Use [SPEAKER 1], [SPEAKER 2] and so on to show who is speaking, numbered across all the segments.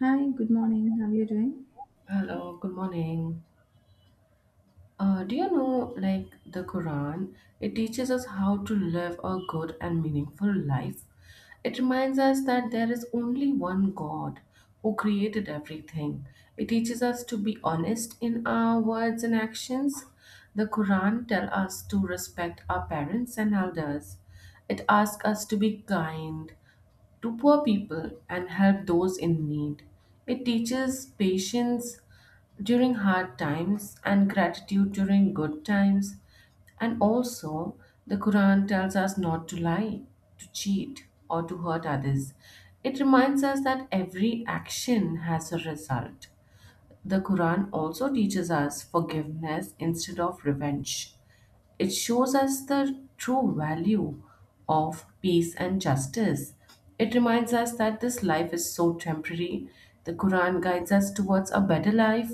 [SPEAKER 1] Hi, good morning. How are you doing?
[SPEAKER 2] Hello, good morning. Do you know, like, the Quran, it teaches us how to live a good and meaningful life. It reminds us that there is only one God who created everything. It teaches us to be honest in our words and actions. The Quran tells us to respect our parents and elders. It asks us to be kind, to poor people and help those in need. It teaches patience during hard times and gratitude during good times. And also, the Quran tells us not to lie, to cheat, or to hurt others. It reminds us that every action has a result. The Quran also teaches us forgiveness instead of revenge. It shows us the true value of peace and justice. It reminds us that this life is so temporary. The Quran guides us towards a better life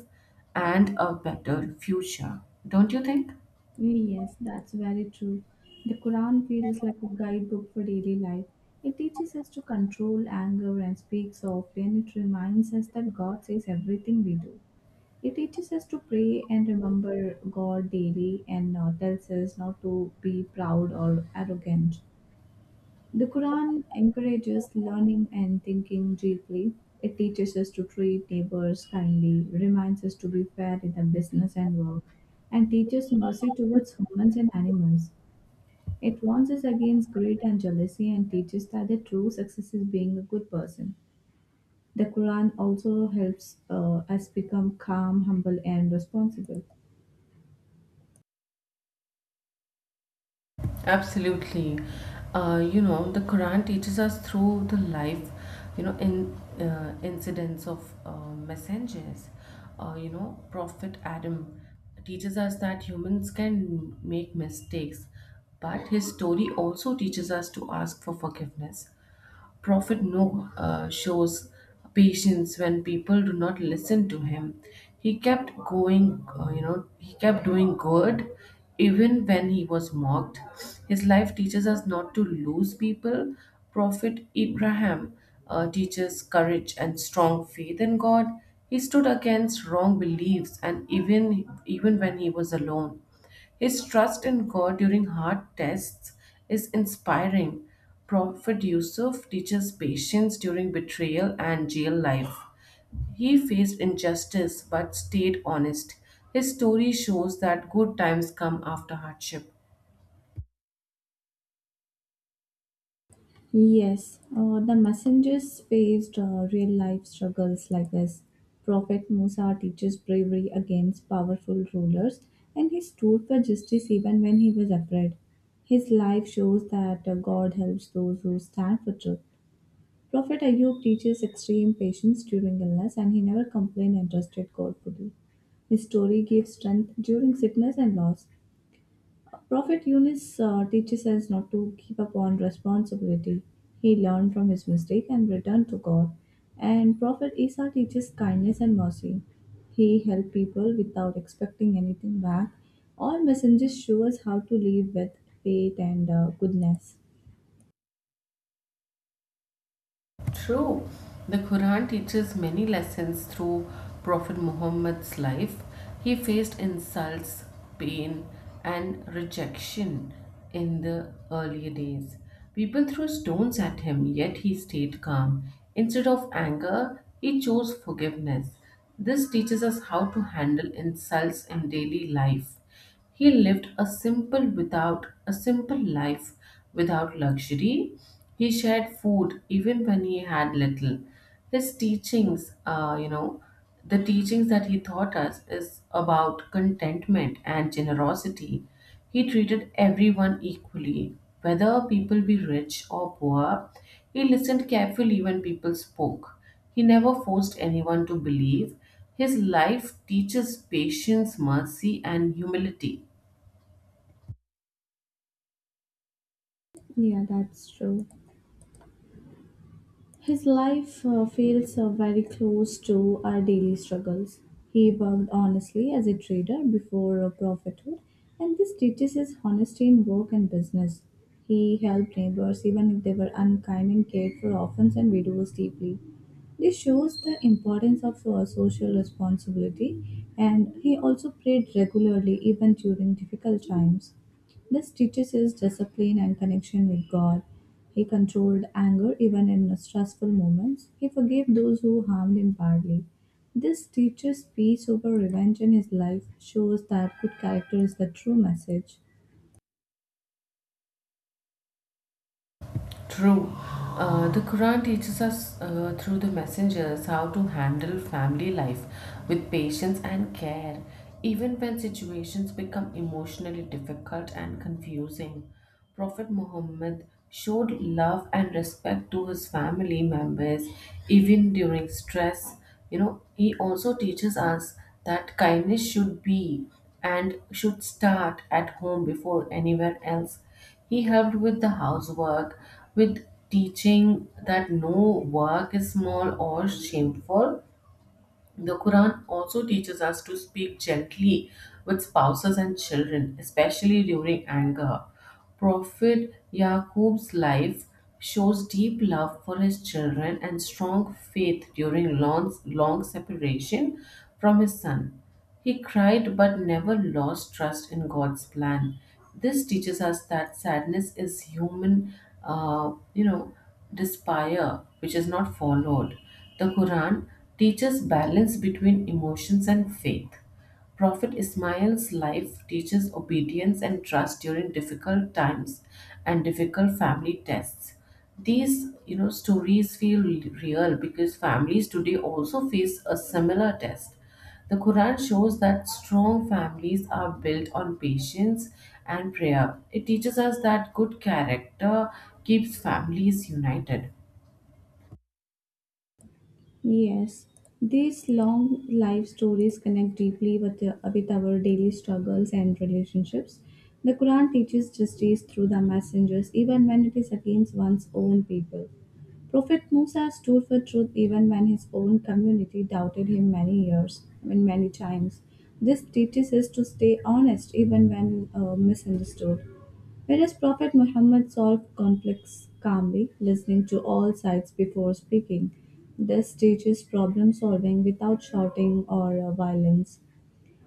[SPEAKER 2] and a better future. Don't you think?
[SPEAKER 1] Yes, that's very true. The Quran feels like a guidebook for daily life. It teaches us to control anger and speak softly, and it reminds us that God says everything we do. It teaches us to pray and remember God daily and tells us not to be proud or arrogant. The Quran encourages learning and thinking deeply. It teaches us to treat neighbors kindly, reminds us to be fair in the business and work, and teaches mercy towards humans and animals. It warns us against greed and jealousy and teaches that the true success is being a good person. The Quran also helps us become calm, humble, and responsible.
[SPEAKER 2] Absolutely. You know, the Quran teaches us through the life, you know, in incidents of messengers. You know, Prophet Adam teaches us that humans can make mistakes, but his story also teaches us to ask for forgiveness. Prophet Noah shows patience when people do not listen to him. He kept going, you know, he kept doing good even when he was mocked. His life teaches us not to lose people. Prophet Abraham teaches courage and strong faith in God. He stood against wrong beliefs and even when he was alone. His trust in God during hard tests is inspiring. Prophet Yusuf teaches patience during betrayal and jail life. He faced injustice but stayed honest. His story shows that good times come after hardship.
[SPEAKER 1] Yes, the messengers faced real life struggles like this. Prophet Musa teaches bravery against powerful rulers, and he stood for justice even when he was afraid. His life shows that God helps those who stand for truth. Prophet Ayub teaches extreme patience during illness, and he never complained and trusted God fully. His story gives strength during sickness and loss. Prophet Yunus teaches us not to keep upon responsibility. He learned from his mistake and returned to God. And Prophet Isa teaches kindness and mercy. He helped people without expecting anything back. All messengers show us how to live with faith and goodness.
[SPEAKER 2] True. The Quran teaches many lessons through Prophet Muhammad's life. He faced insults, pain, and rejection in the earlier days. People threw stones at him, yet he stayed calm. Instead of anger, he chose forgiveness. This teaches us how to handle insults in daily life. He lived a simple without a simple life without luxury. He shared food even when he had little. His teachings, you know, the teachings that he taught us is about contentment and generosity. He treated everyone equally, whether people be rich or poor. He listened carefully when people spoke. He never forced anyone to believe. His life teaches patience, mercy, and humility.
[SPEAKER 1] Yeah, that's true. His life feels very close to our daily struggles. He worked honestly as a trader before prophethood, and this teaches his honesty in work and business. He helped neighbors even if they were unkind and cared for orphans and widows deeply. This shows the importance of social responsibility, and he also prayed regularly even during difficult times. This teaches his discipline and connection with God. He controlled anger even in stressful moments. He forgave those who harmed him badly. This teaches peace over revenge in his life, shows that good character is the true message.
[SPEAKER 2] True. The Quran teaches us through the messengers how to handle family life with patience and care, even when situations become emotionally difficult and confusing. Prophet Muhammad showed love and respect to his family members even during stress. You know, he also teaches us that kindness should be and should start at home before anywhere else he helped with the housework, with teaching that no work is small or shameful. The Quran also teaches us to speak gently with spouses and children, especially during anger. Prophet Yaqub's life shows deep love for his children and strong faith during long, long separation from his son. He cried but never lost trust in God's plan. This teaches us that sadness is human, you know, despair which is not followed. The Quran teaches balance between emotions and faith. Prophet Ismail's life teaches obedience and trust during difficult times and difficult family tests. These, you know, stories feel real because families today also face a similar test. The Quran shows that strong families are built on patience and prayer. It teaches us that good character keeps families united.
[SPEAKER 1] Yes, these long life stories connect deeply with our daily struggles and relationships. The Quran teaches justice through the messengers, even when it is against one's own people. Prophet Musa stood for truth even when his own community doubted him many years, I mean, many times. This teaches us to stay honest even when misunderstood. Whereas Prophet Muhammad solved conflicts calmly, listening to all sides before speaking. This teaches problem solving without shouting or violence.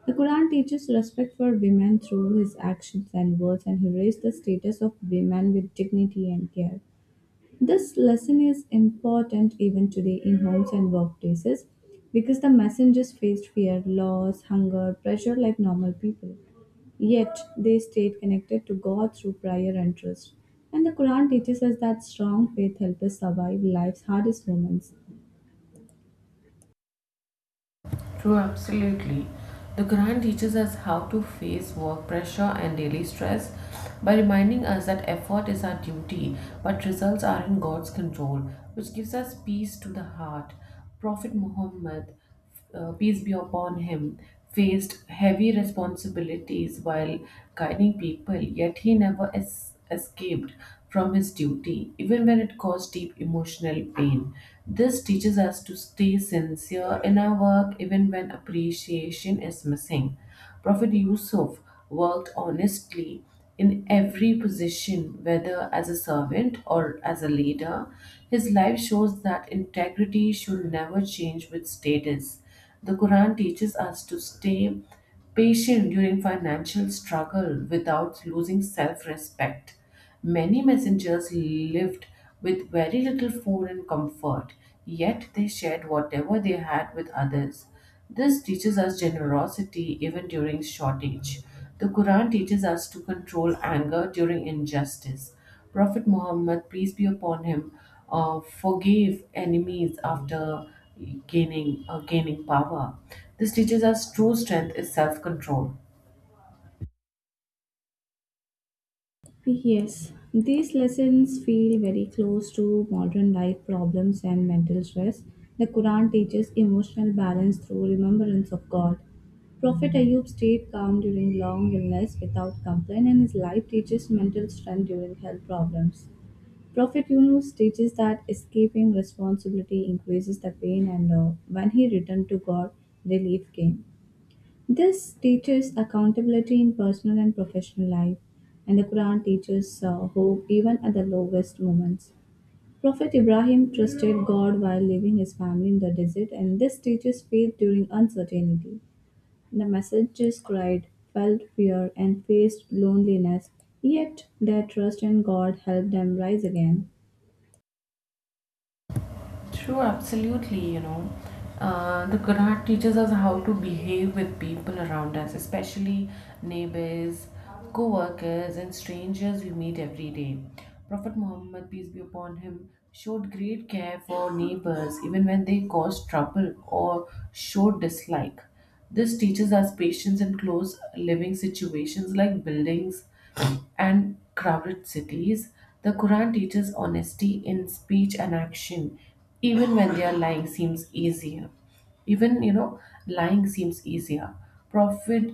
[SPEAKER 1] The Quran teaches respect for women through his actions and words, and he raised the status of women with dignity and care. This lesson is important even today in homes and workplaces because the messengers faced fear, loss, hunger, pressure like normal people. Yet they stayed connected to God through prayer and trust. And the Quran teaches us that strong faith helps us survive life's hardest moments.
[SPEAKER 2] True, absolutely. The Quran teaches us how to face work pressure and daily stress by reminding us that effort is our duty, but results are in God's control, which gives us peace to the heart. Prophet Muhammad, peace be upon him, faced heavy responsibilities while guiding people, yet he never escaped from his duty, even when it caused deep emotional pain. This teaches us to stay sincere in our work even when appreciation is missing. Prophet Yusuf worked honestly in every position, whether as a servant or as a leader. His life shows that integrity should never change with status. The Quran teaches us to stay patient during financial struggle without losing self respect. Many messengers lived with very little food and comfort, yet they shared whatever they had with others. This teaches us generosity even during shortage. The Quran teaches us to control anger during injustice. Prophet Muhammad, peace be upon him, forgave enemies after gaining power. This teaches us true strength is self control.
[SPEAKER 1] Yes, these lessons feel very close to modern life problems and mental stress. The Quran teaches emotional balance through remembrance of God. Prophet Ayub stayed calm during long illness without complaint, and his life teaches mental strength during health problems. Prophet Yunus teaches that escaping responsibility increases the pain, and when he returned to God, relief came. This teaches accountability in personal and professional life, and the Quran teaches hope even at the lowest moments. Prophet Ibrahim trusted God while leaving his family in the desert, and this teaches faith during uncertainty. The messengers cried, felt fear, and faced loneliness, yet their trust in God helped them rise again.
[SPEAKER 2] True, absolutely. You know, the Quran teaches us how to behave with people around us, especially neighbors, co workers, and strangers we meet every day. Prophet Muhammad, peace be upon him, showed great care for neighbors even when they caused trouble or showed dislike. This teaches us patience in close living situations like buildings and crowded cities. The Quran teaches honesty in speech and action, even when they are lying seems easier. Even you know, lying seems easier. Prophet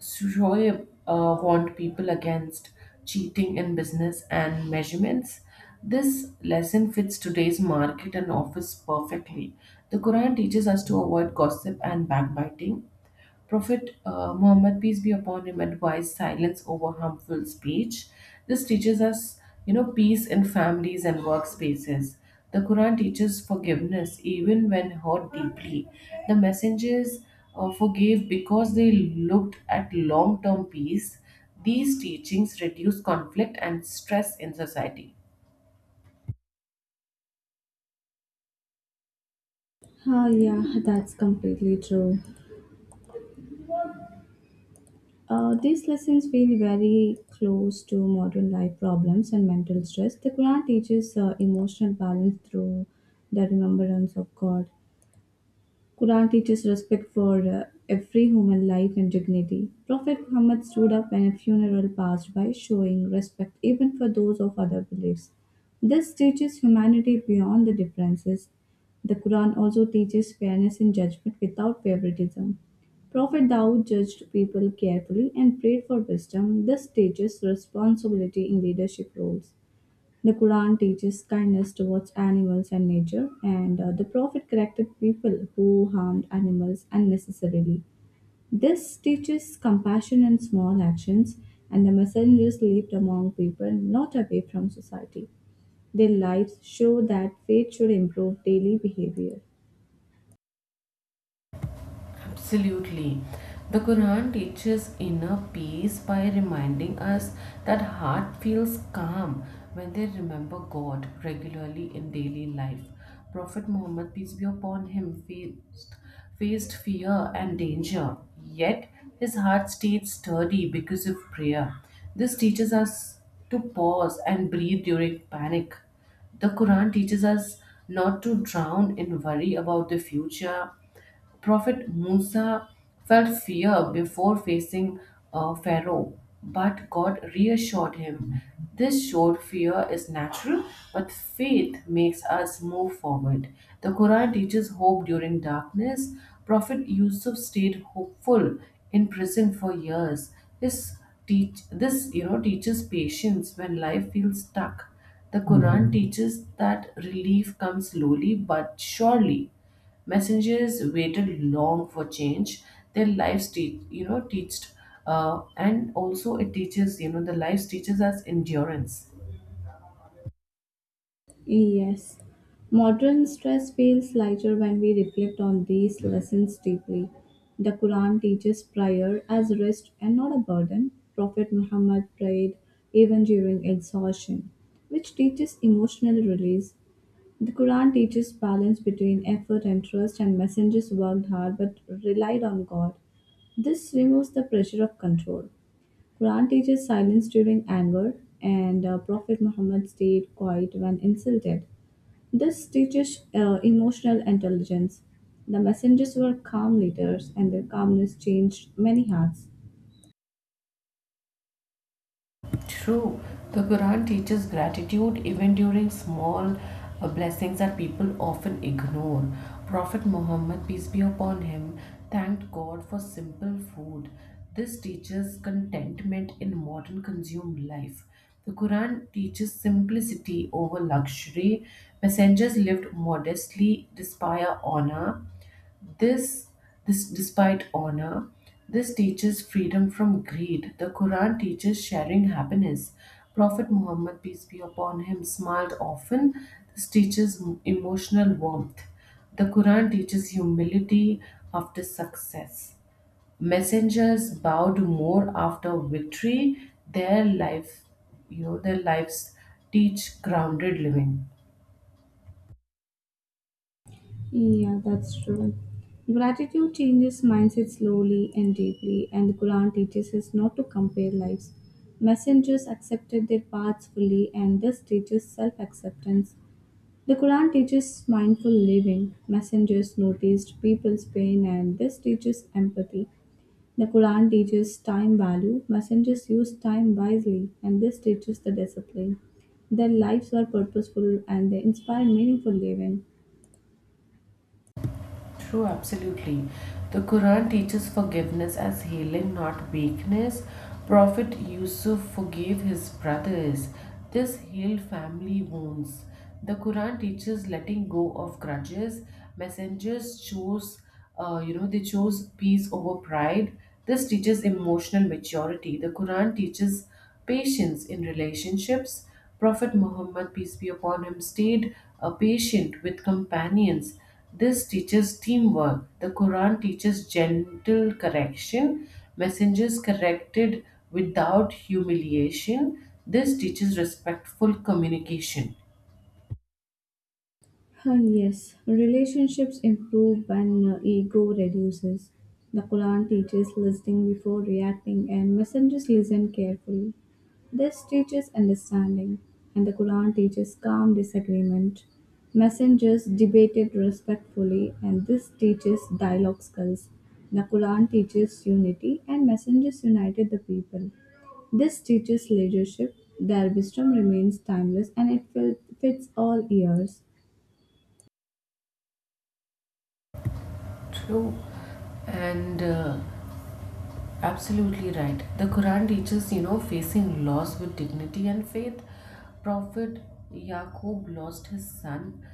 [SPEAKER 2] Shoaib warned people against cheating in business and measurements. This lesson fits today's market and office perfectly. The Quran teaches us to avoid gossip and backbiting. Prophet Muhammad, peace be upon him, advised silence over harmful speech. This teaches us, you know, peace in families and workspaces. The Quran teaches forgiveness even when hurt deeply. The messengers forgave because they looked at long term peace. These teachings reduce conflict and stress in society.
[SPEAKER 1] Yeah, that's completely true. These lessons feel very close to modern life problems and mental stress. The Quran teaches emotional balance through the remembrance of God. Quran teaches respect for every human life and dignity. Prophet Muhammad stood up when a funeral passed by, showing respect even for those of other beliefs. This teaches humanity beyond the differences. The Quran also teaches fairness in judgment without favoritism. Prophet Daud judged people carefully and prayed for wisdom. This teaches responsibility in leadership roles. The Quran teaches kindness towards animals and nature, and the Prophet corrected people who harmed animals unnecessarily. This teaches compassion in small actions, and the messengers lived among people, not away from society. Their lives show that faith should improve daily behavior.
[SPEAKER 2] Absolutely. The Quran teaches inner peace by reminding us that heart feels calm when they remember God regularly in daily life. Prophet Muhammad, peace be upon him, faced fear and danger, yet his heart stayed sturdy because of prayer. This teaches us to pause and breathe during panic. The Quran teaches us not to drown in worry about the future Prophet Musa felt fear before facing Pharaoh, but God reassured him. This showed fear is natural, but faith makes us move forward. The Quran teaches hope during darkness. Prophet Yusuf stayed hopeful in prison for years. This this, you know, teaches patience when life feels stuck. The Quran teaches that relief comes slowly but surely. Messengers waited long for change. Their lives teach, you know, and also it teaches, you know, the lives teaches us endurance.
[SPEAKER 1] Yes, modern stress feels lighter when we reflect on these lessons deeply. The Quran teaches prayer as rest and not a burden. Prophet Muhammad prayed even during exhaustion, which teaches emotional release. The Quran teaches balance between effort and trust, and messengers worked hard but relied on God. This removes the pressure of control. Quran teaches silence during anger, and Prophet Muhammad stayed quiet when insulted. This teaches emotional intelligence. The messengers were calm leaders, and their calmness changed many hearts.
[SPEAKER 2] True. The Quran teaches gratitude even during small blessings that people often ignore. Prophet Muhammad, peace be upon him, thanked God for simple food. This teaches contentment in modern consumed life. The Quran teaches simplicity over luxury. Messengers lived modestly, despite honor. This, this despite honor, this teaches freedom from greed. The Quran teaches sharing happiness. Prophet Muhammad, peace be upon him, smiled often. This teaches emotional warmth. The Quran teaches humility after success. Messengers bowed more after victory. Their life, you know, their lives teach grounded living.
[SPEAKER 1] Yeah, that's true. Gratitude changes mindset slowly and deeply, and the Quran teaches us not to compare lives. Messengers accepted their paths fully, and this teaches self acceptance. The Quran teaches mindful living. Messengers noticed people's pain and this teaches empathy. The Quran teaches time value. Messengers used time wisely and this teaches the discipline. Their lives were purposeful and they inspire meaningful living.
[SPEAKER 2] True, absolutely. The Quran teaches forgiveness as healing, not weakness. Prophet Yusuf forgave his brothers. This healed family wounds. The Quran teaches letting go of grudges. Messengers chose, you know, they chose peace over pride. This teaches emotional maturity. The Quran teaches patience in relationships. Prophet Muhammad, peace be upon him, stayed patient with companions. This teaches teamwork. The Quran teaches gentle correction. Messengers corrected without humiliation. This teaches respectful communication.
[SPEAKER 1] Yes, relationships improve when ego reduces. The Quran teaches listening before reacting, and messengers listen carefully. This teaches understanding, and the Quran teaches calm disagreement. Messengers debated respectfully, and this teaches dialogue skills. The Quran teaches unity, and messengers united the people. This teaches leadership. Their wisdom remains timeless and it fits all ears.
[SPEAKER 2] True. And Absolutely right. The Quran teaches, you know, facing loss with dignity and faith. Prophet Yaqub lost his son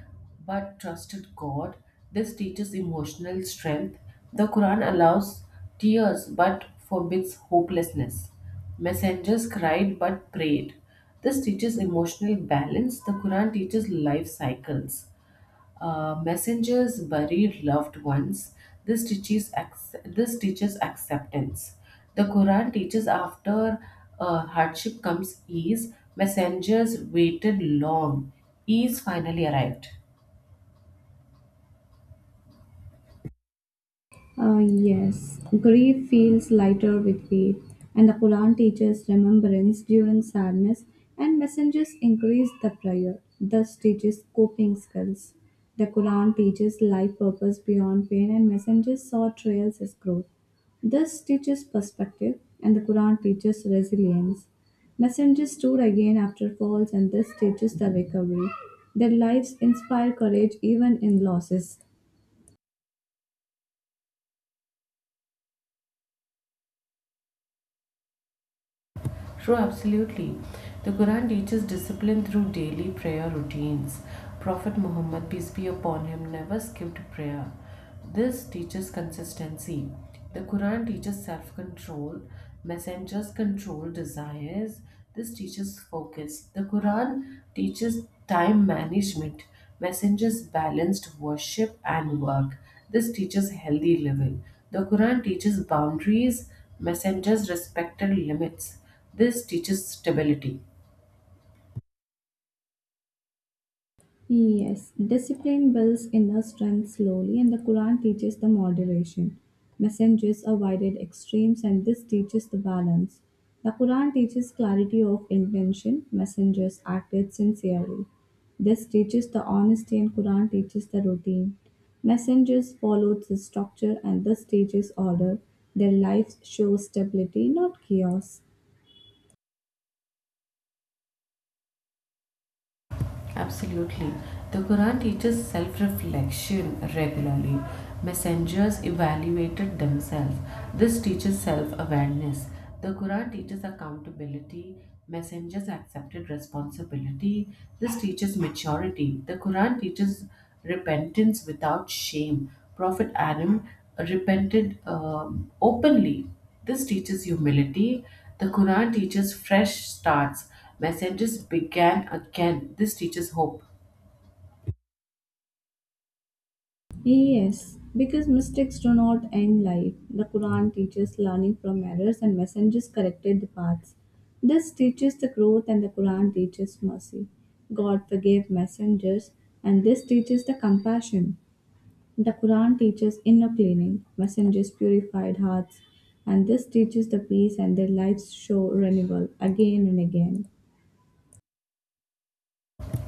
[SPEAKER 2] but trusted God. This teaches emotional strength. The Quran allows tears but forbids hopelessness. Messengers cried but prayed. This teaches emotional balance. The Quran teaches life cycles. Messengers buried loved ones. This teaches acceptance. The Quran teaches after hardship comes ease. Messengers waited long. Ease finally arrived.
[SPEAKER 1] Yes, grief feels lighter with faith, and the Quran teaches remembrance during sadness, and messengers increase the prayer, thus teaches coping skills. The Quran teaches life purpose beyond pain, and messengers saw trials as growth. Thus teaches perspective, and the Quran teaches resilience. Messengers stood again after falls, and this teaches the recovery. Their lives inspire courage even in losses.
[SPEAKER 2] True, absolutely. The Quran teaches discipline through daily prayer routines. Prophet Muhammad, peace be upon him, never skipped prayer. This teaches consistency. The Quran teaches self control. Messengers control desires. This teaches focus. The Quran teaches time management. Messengers balanced worship and work. This teaches healthy living. The Quran teaches boundaries. Messengers respected limits. This teaches stability.
[SPEAKER 1] Yes, discipline builds inner strength slowly, and the Quran teaches the moderation. Messengers avoided extremes, and this teaches the balance. The Quran teaches clarity of intention, messengers acted sincerely. This teaches the honesty, and Quran teaches the routine. Messengers followed the structure, and this teaches order. Their lives show stability, not chaos.
[SPEAKER 2] Absolutely. The Quran teaches self reflection regularly. Messengers evaluated themselves. This teaches self awareness. The Quran teaches accountability. Messengers accepted responsibility. This teaches maturity. The Quran teaches repentance without shame. Prophet Adam repented openly. This teaches humility. The Quran teaches fresh starts. Messengers began again. This teaches hope.
[SPEAKER 1] Yes, because mistakes do not end life. The Quran teaches learning from errors and messengers corrected the paths. This teaches the growth and the Quran teaches mercy. God forgave messengers and this teaches the compassion. The Quran teaches inner cleaning, messengers purified hearts, and this teaches the peace and their lives show renewal again and again.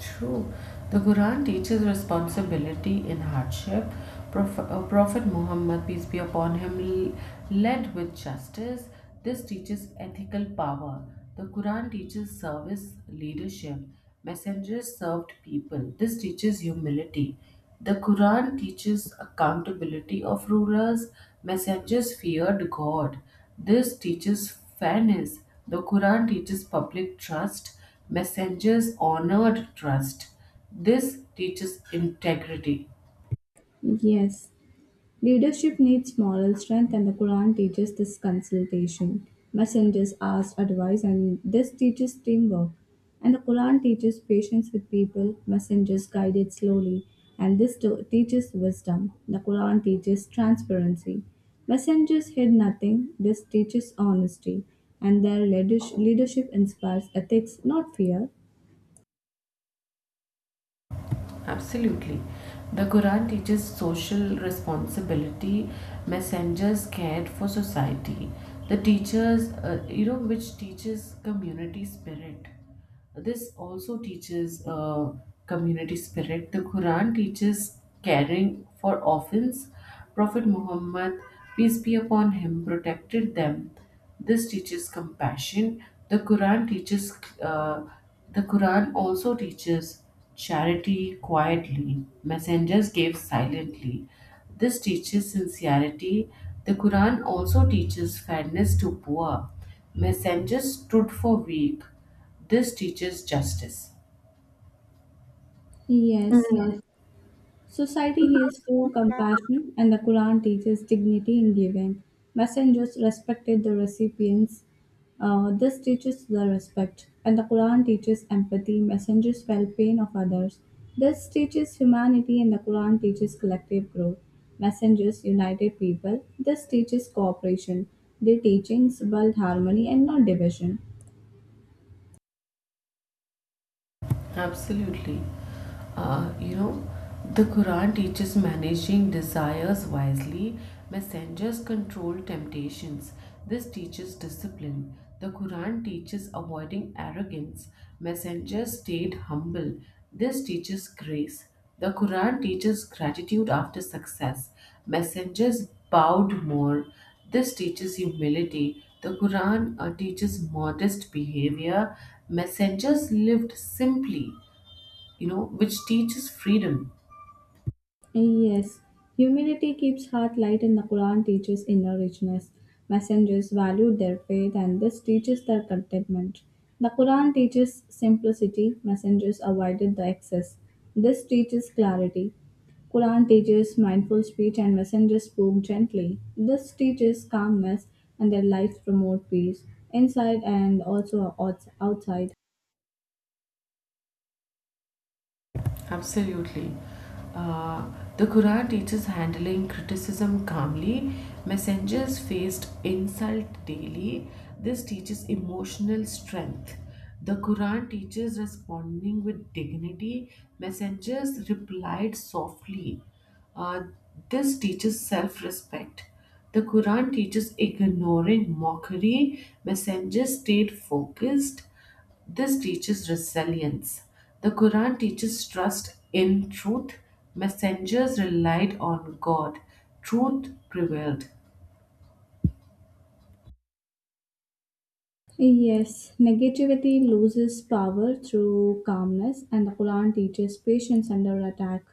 [SPEAKER 2] True. The Quran teaches responsibility in hardship. Prophet Muhammad, peace be upon him, led with justice. This teaches ethical power. The Quran teaches service leadership. Messengers served people. This teaches humility. The Quran teaches accountability of rulers. Messengers feared God. This teaches fairness. The Quran teaches public trust. Messengers honored trust. This teaches integrity.
[SPEAKER 1] Yes, leadership needs moral strength, and the Quran teaches this consultation. Messengers ask advice, and this teaches teamwork. And the Quran teaches patience with people, messengers guided slowly, and teaches wisdom. The Quran teaches transparency. Messengers hid nothing, this teaches honesty, and their leadership inspires ethics, not fear.
[SPEAKER 2] Absolutely. The Quran teaches social responsibility. Messengers cared for society. The teachers, you know, which teaches community spirit. This also teaches community spirit. The Quran teaches caring for orphans. Prophet Muhammad, peace be upon him, protected them. This teaches compassion. The Quran teaches, uh, the Quran also teaches charity quietly. Messengers gave silently. This teaches sincerity. The Quran also teaches fairness to poor. Messengers stood for weak. This teaches justice.
[SPEAKER 1] Yes, society heals through compassion, and the Quran teaches dignity in giving. Messengers respected the recipients. This teaches the respect, and the Quran teaches empathy. Messengers felt pain of others. This teaches humanity, and the Quran teaches collective growth. Messengers united people. This teaches cooperation. Their teachings build harmony and not division.
[SPEAKER 2] Absolutely. Uh, you know, the Quran teaches managing desires wisely. Messengers control temptations. This teaches discipline. The Quran teaches avoiding arrogance. Messengers stayed humble. This teaches grace. The Quran teaches gratitude after success. Messengers bowed more. This teaches humility. The Quran teaches modest behavior. Messengers lived simply, which teaches freedom.
[SPEAKER 1] Yes, humility keeps heart light, and the Quran teaches inner richness. Messengers valued their faith, and this teaches their contentment. The Quran teaches simplicity, messengers avoided the excess. This teaches clarity. Quran teaches mindful speech, and messengers spoke gently. This teaches calmness, and their lives promote peace inside and also outside.
[SPEAKER 2] Absolutely. Uh, the Quran teaches handling criticism calmly. Messengers faced insult daily. This teaches emotional strength. The Quran teaches responding with dignity. Messengers replied softly. Uh, this teaches self respect. The Quran teaches ignoring mockery. Messengers stayed focused. This teaches resilience. The Quran teaches trust in truth. Messengers relied on God. Truth prevailed.
[SPEAKER 1] Yes, negativity loses power through calmness, and the Quran teaches patience under attack.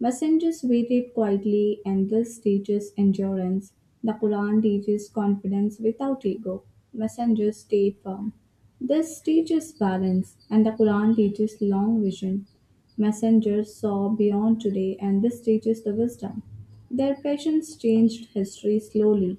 [SPEAKER 1] Messengers waited quietly, and this teaches endurance. The Quran teaches confidence without ego. Messengers stayed firm. This teaches balance, and the Quran teaches long vision. Messengers saw beyond today, and this teaches the wisdom. Their patience changed history slowly.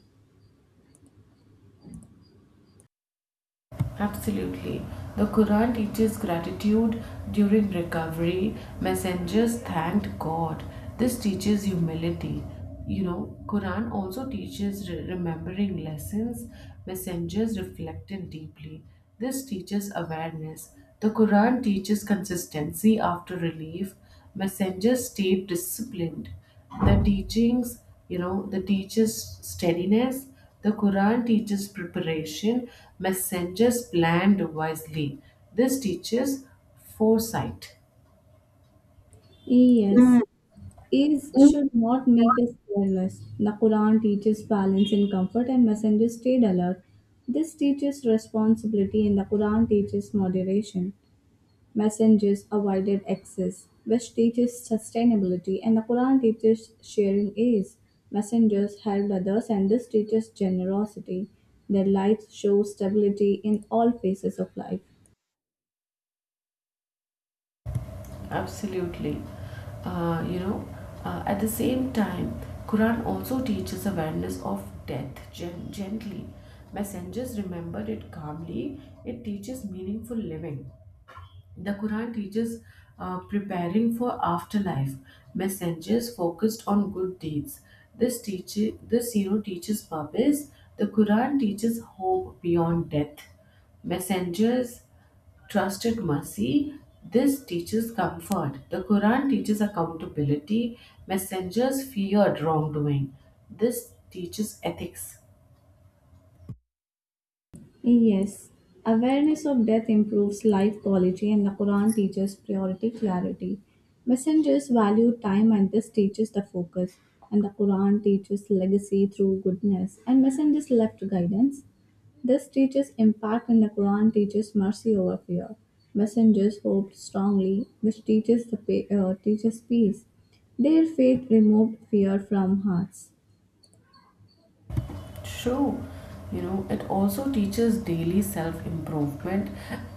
[SPEAKER 2] Absolutely. The Quran teaches gratitude during recovery. Messengers thanked God. This teaches humility. Quran also teaches remembering lessons. Messengers reflected deeply. This teaches awareness. The Quran teaches consistency after relief. Messengers stayed disciplined. The teachings, the teaches steadiness. The Quran teaches preparation. Messengers planned wisely. This teaches foresight.
[SPEAKER 1] Yes, ease should not make us careless. The Quran teaches balance in comfort and messengers stayed alert. This teaches responsibility and the Quran teaches moderation. Messengers avoided excess, which teaches sustainability, and the Quran teaches sharing ease. Messengers helped others, and this teaches generosity. Their lives show stability in all phases of life.
[SPEAKER 2] Absolutely. Uh, you know, at the same time, Quran also teaches awareness of death gently. Messengers remembered it calmly. It teaches meaningful living. The Quran teaches preparing for afterlife. Messengers focused on good deeds. This teaches purpose. The Quran teaches hope beyond death. Messengers trusted mercy. This teaches comfort. The Quran teaches accountability. Messengers feared wrongdoing. This teaches ethics.
[SPEAKER 1] Yes, awareness of death improves life quality, and the Quran teaches priority clarity. Messengers value time, and this teaches the focus. And the Quran teaches legacy through goodness, and messengers left guidance. This teaches impact, and the Quran teaches mercy over fear. Messengers hoped strongly, which teaches the teaches peace. Their faith removed fear from hearts.
[SPEAKER 2] True. You know, it also teaches daily self improvement.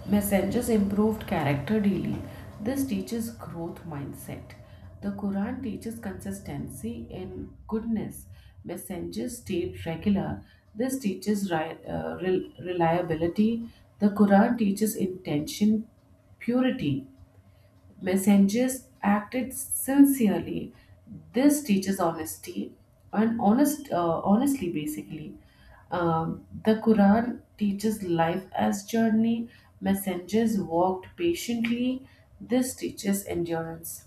[SPEAKER 2] Messengers improved character daily. This teaches growth mindset. The Quran teaches consistency in goodness. Messengers stayed regular. This teaches reliability. The Quran teaches intention purity. Messengers acted sincerely. This teaches honesty and honestly, basically. The Quran teaches life as journey. Messengers walked patiently. This teaches endurance.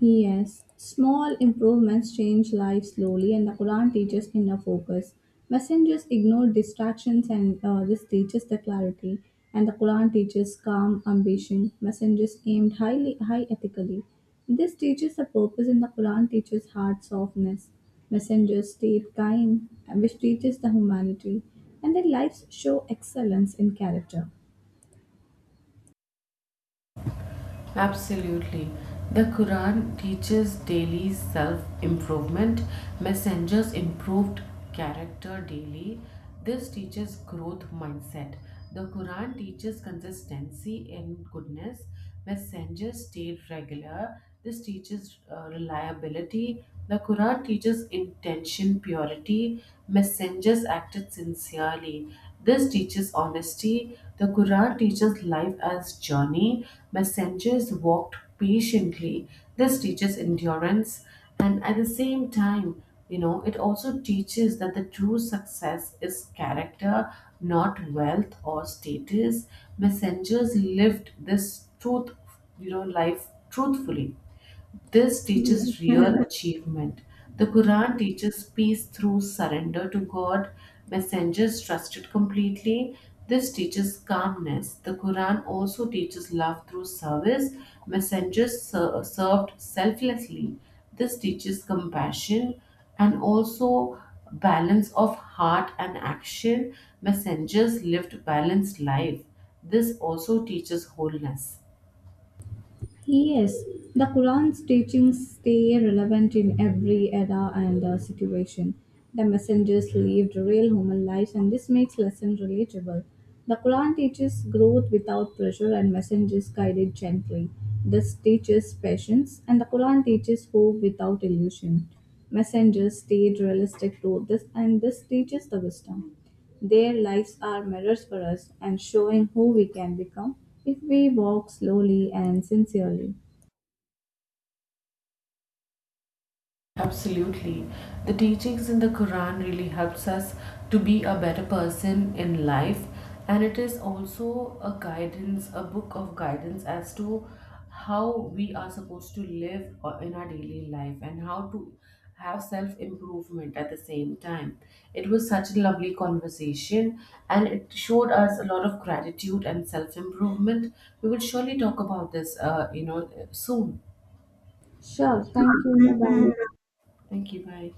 [SPEAKER 1] Yes, small improvements change lives slowly, and the Quran teaches inner focus. Messengers ignore distractions, and this teaches the clarity. And the Quran teaches calm ambition. Messengers aimed highly, high ethically. This teaches the purpose, and the Quran teaches heart softness. Messengers stayed kind, which teaches the humanity, and their lives show excellence in character.
[SPEAKER 2] Absolutely. The Quran teaches daily self improvement. Messengers improved character daily. This teaches growth mindset. The Quran teaches consistency in goodness. Messengers stayed regular. This teaches reliability. The Quran teaches intention purity. Messengers acted sincerely. This teaches honesty. The Quran teaches life as journey. Messengers walked patiently. This teaches endurance. And at the same time, you know, it also teaches that the true success is character, not wealth or status. Messengers lived this truth, you know, life truthfully. This
[SPEAKER 1] Yes.
[SPEAKER 2] teaches real. Mhm. Achievement. The Quran teaches peace through surrender to God. Messengers trusted completely. This teaches calmness. The Quran also teaches love through service. Messengers served selflessly. This teaches compassion and also balance of heart and action. Messengers lived balanced life. This also teaches wholeness.
[SPEAKER 1] Yes, the Quran's teachings stay relevant in every era and situation. The messengers lived real human lives, and this makes lessons relatable. The Quran teaches growth without pressure, and messengers guided gently. This teaches patience, and the Quran teaches hope without illusion. Messengers stayed realistic to this, and this teaches the wisdom. Their lives are mirrors for us and showing who we can become if we walk slowly and sincerely.
[SPEAKER 2] Absolutely. The teachings in the Quran really helps us to be a better person in life, and it is also a guidance, a book of guidance as to how we are supposed to live in our daily life and how to have self improvement at the same time. It was such a lovely conversation and it showed us a lot of gratitude and self improvement. We will surely talk about this soon.
[SPEAKER 1] Sure, thank you. Bye bye.
[SPEAKER 2] Thank you. Bye.